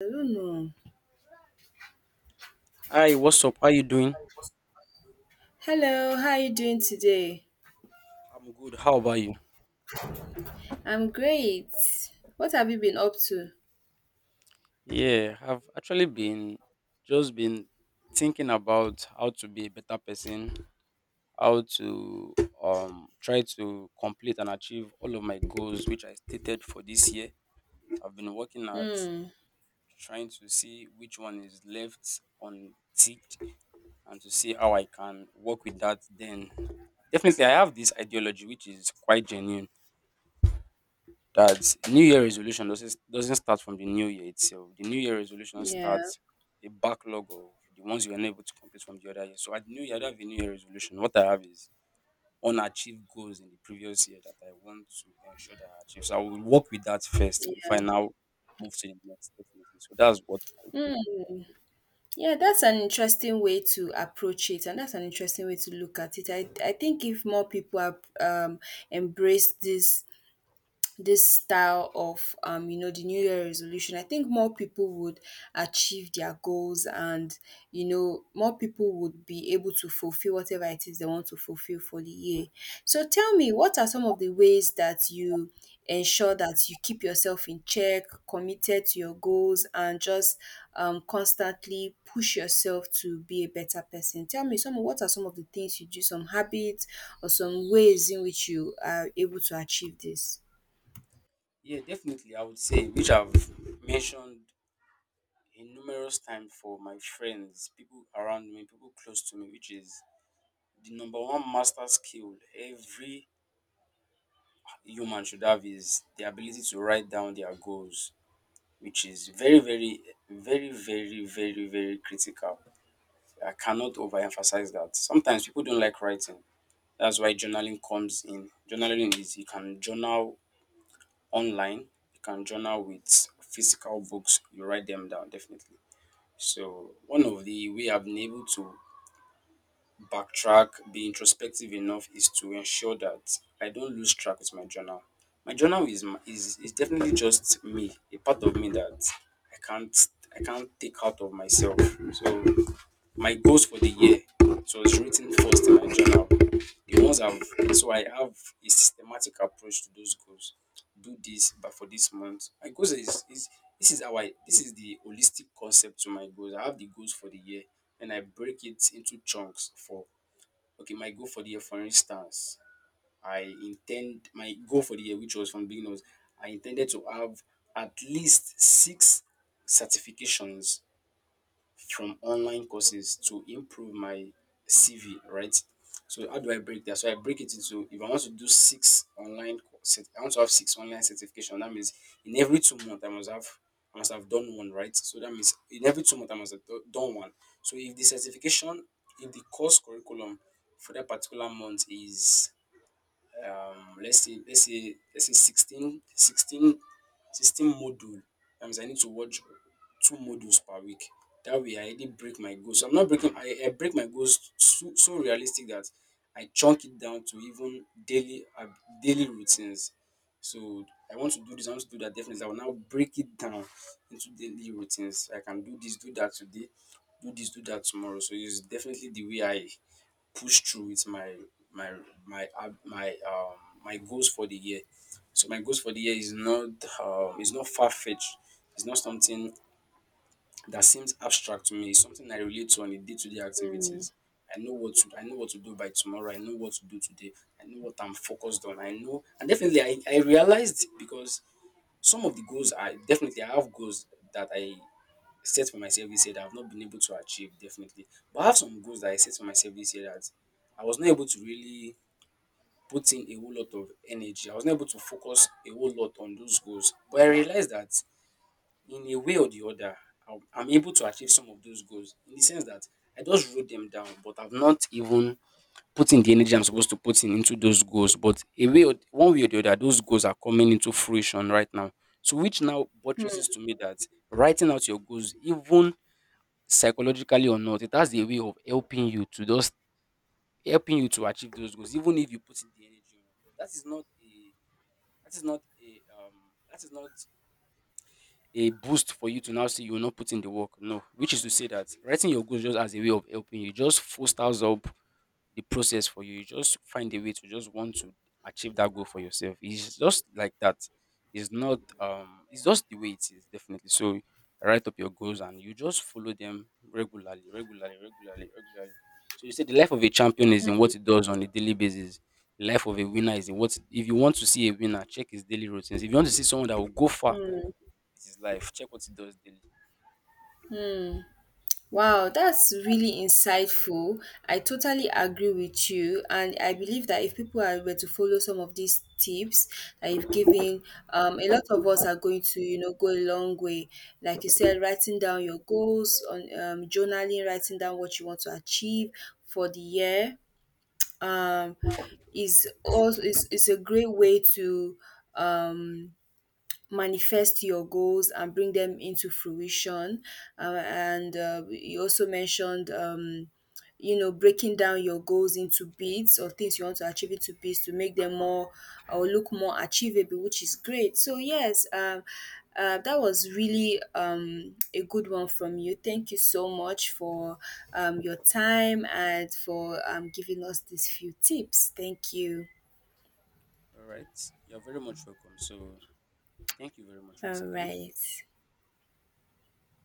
Hello. Hi, what's up? How you doing? Hello, how are you doing today? I'm good. How about you? I'm great. What have you been up to? Yeah, I've actually been thinking about how to be a better person, how to try to complete and achieve all of my goals which I stated for this year. I've been working at Hmm. trying to see which one is left unticked and to see how I can work with that then. Definitely, I have this ideology which is quite genuine, that New Year resolution doesn't start from the new year itself. The New Year resolution Yeah. starts a backlog of the ones you were unable to complete from the other year. So at New Year, I don't have a New Year resolution. What I have is unachieved goals in the previous year that I want to ensure that I achieve. So I will work with that first before I now move to the next. Definitely. So that's what I do. Yeah, that's an interesting way to approach it, and that's an interesting way to look at it. I think if more people have embraced this style of you know the new year resolution I think more people would achieve their goals and you know more people would be able to fulfill whatever it is they want to fulfill for the year so tell me what are some of the ways that you ensure that you keep yourself in check committed to your goals and just constantly push yourself to be a better person tell me some what are some of the things you do some habits or some ways in which you are able to achieve this. Yeah, definitely. I would say, which I've mentioned in numerous times for my friends, people around me, people close to me, which is, the number one master skill every human should have is the ability to write down their goals, which is very, very, very, very, very, very critical. I cannot overemphasize that. Sometimes people don't like writing. That's why journaling comes in. Journaling is, you can journal online, you can journal with physical books, you write them down definitely. So one of the way I've been able to backtrack, be introspective enough is to ensure that I don't lose track with my journal. My journal is my, is definitely just me, a part of me that I can't I can't take out of myself. So my goals for the year, so it's written first in my journal. The ones I've so I have a systematic approach to those goals. Do this, but for this month, my goals is, this is the holistic concept to my goals. I have the goals for the year and I break it into chunks for Okay, my goal for the year, for instance, I intend my goal for the year, which was from the beginning, was, I intended to have at least six certifications from online courses to improve my CV, right? So how do I break that? So I break it into, if I want to do six online courses, I want to have six online certification. That means in every 2 months I must have done one, right? So that means in every 2 months I must have done one. So if the certification, if the course curriculum for that particular month is, let's say 16, 16, sixteen 16, 16 module. That means I need to watch two modules per week. That way I already break my goals. So I'm not breaking, I break my goals so realistic that I chunk it down to even daily routines. So I want to do this, I want to do that definitely. I will now break it down into daily routines. I can do this, do that today, do this, do that tomorrow. So it's definitely the way I push through with my my my ab- my my goals for the year. So my goals for the year is not far fetched. It's not something that seems abstract to me. It's something I relate to on a day to day Mm. activities. I know what to I know what to do by tomorrow. I know what to do today. I know what I'm focused on. I know, and definitely I realized, because some of the goals, I definitely, I have goals that I set for myself this year that I've not been able to achieve definitely. But I have some goals that I set for myself this year that I was not able to really put in a whole lot of energy. I was not able to focus a whole lot on those goals. But I realized that in a way or the other, I'm able to achieve some of those goals in the sense that I just wrote them down, but I've not even put in the energy I'm supposed to put in into those goals. But a way or one way or the other, those goals are coming into fruition right now. So which now buttresses to me that writing out your goals, even psychologically or not, it has a way of helping you to achieve those goals, even if you put in the energy on it. But that is not a that is not a that is not a boost for you to now say you're not putting the work. No, which is to say that writing your goals just as a way of helping you just fosters up the process for you. You just find a way to just want to achieve that goal for yourself. It's just like that. It's not, it's just the way it is definitely. So write up your goals and you just follow them regularly, regularly, regularly, regularly. So you say the life of a champion is in what it does on a daily basis. The life of a winner is in what if you want to see a winner, check his daily routines. If you want to see someone that will go far with his life, check what he does daily. Wow, that's really insightful. I totally agree with you, and I believe that if people are were to follow some of these tips that you've given, a lot of us are going to, you know, go a long way. Like you said, writing down your goals on journaling, writing down what you want to achieve for the year, um, is also is a great way to um manifest your goals and bring them into fruition. And you also mentioned, you know, breaking down your goals into bits or things you want to achieve into bits to make them more or look more achievable, which is great. So, yes, that was really a good one from you. Thank you so much for your time and for giving us these few tips. Thank you. All right. You're very much welcome. So thank you very much once All again. right.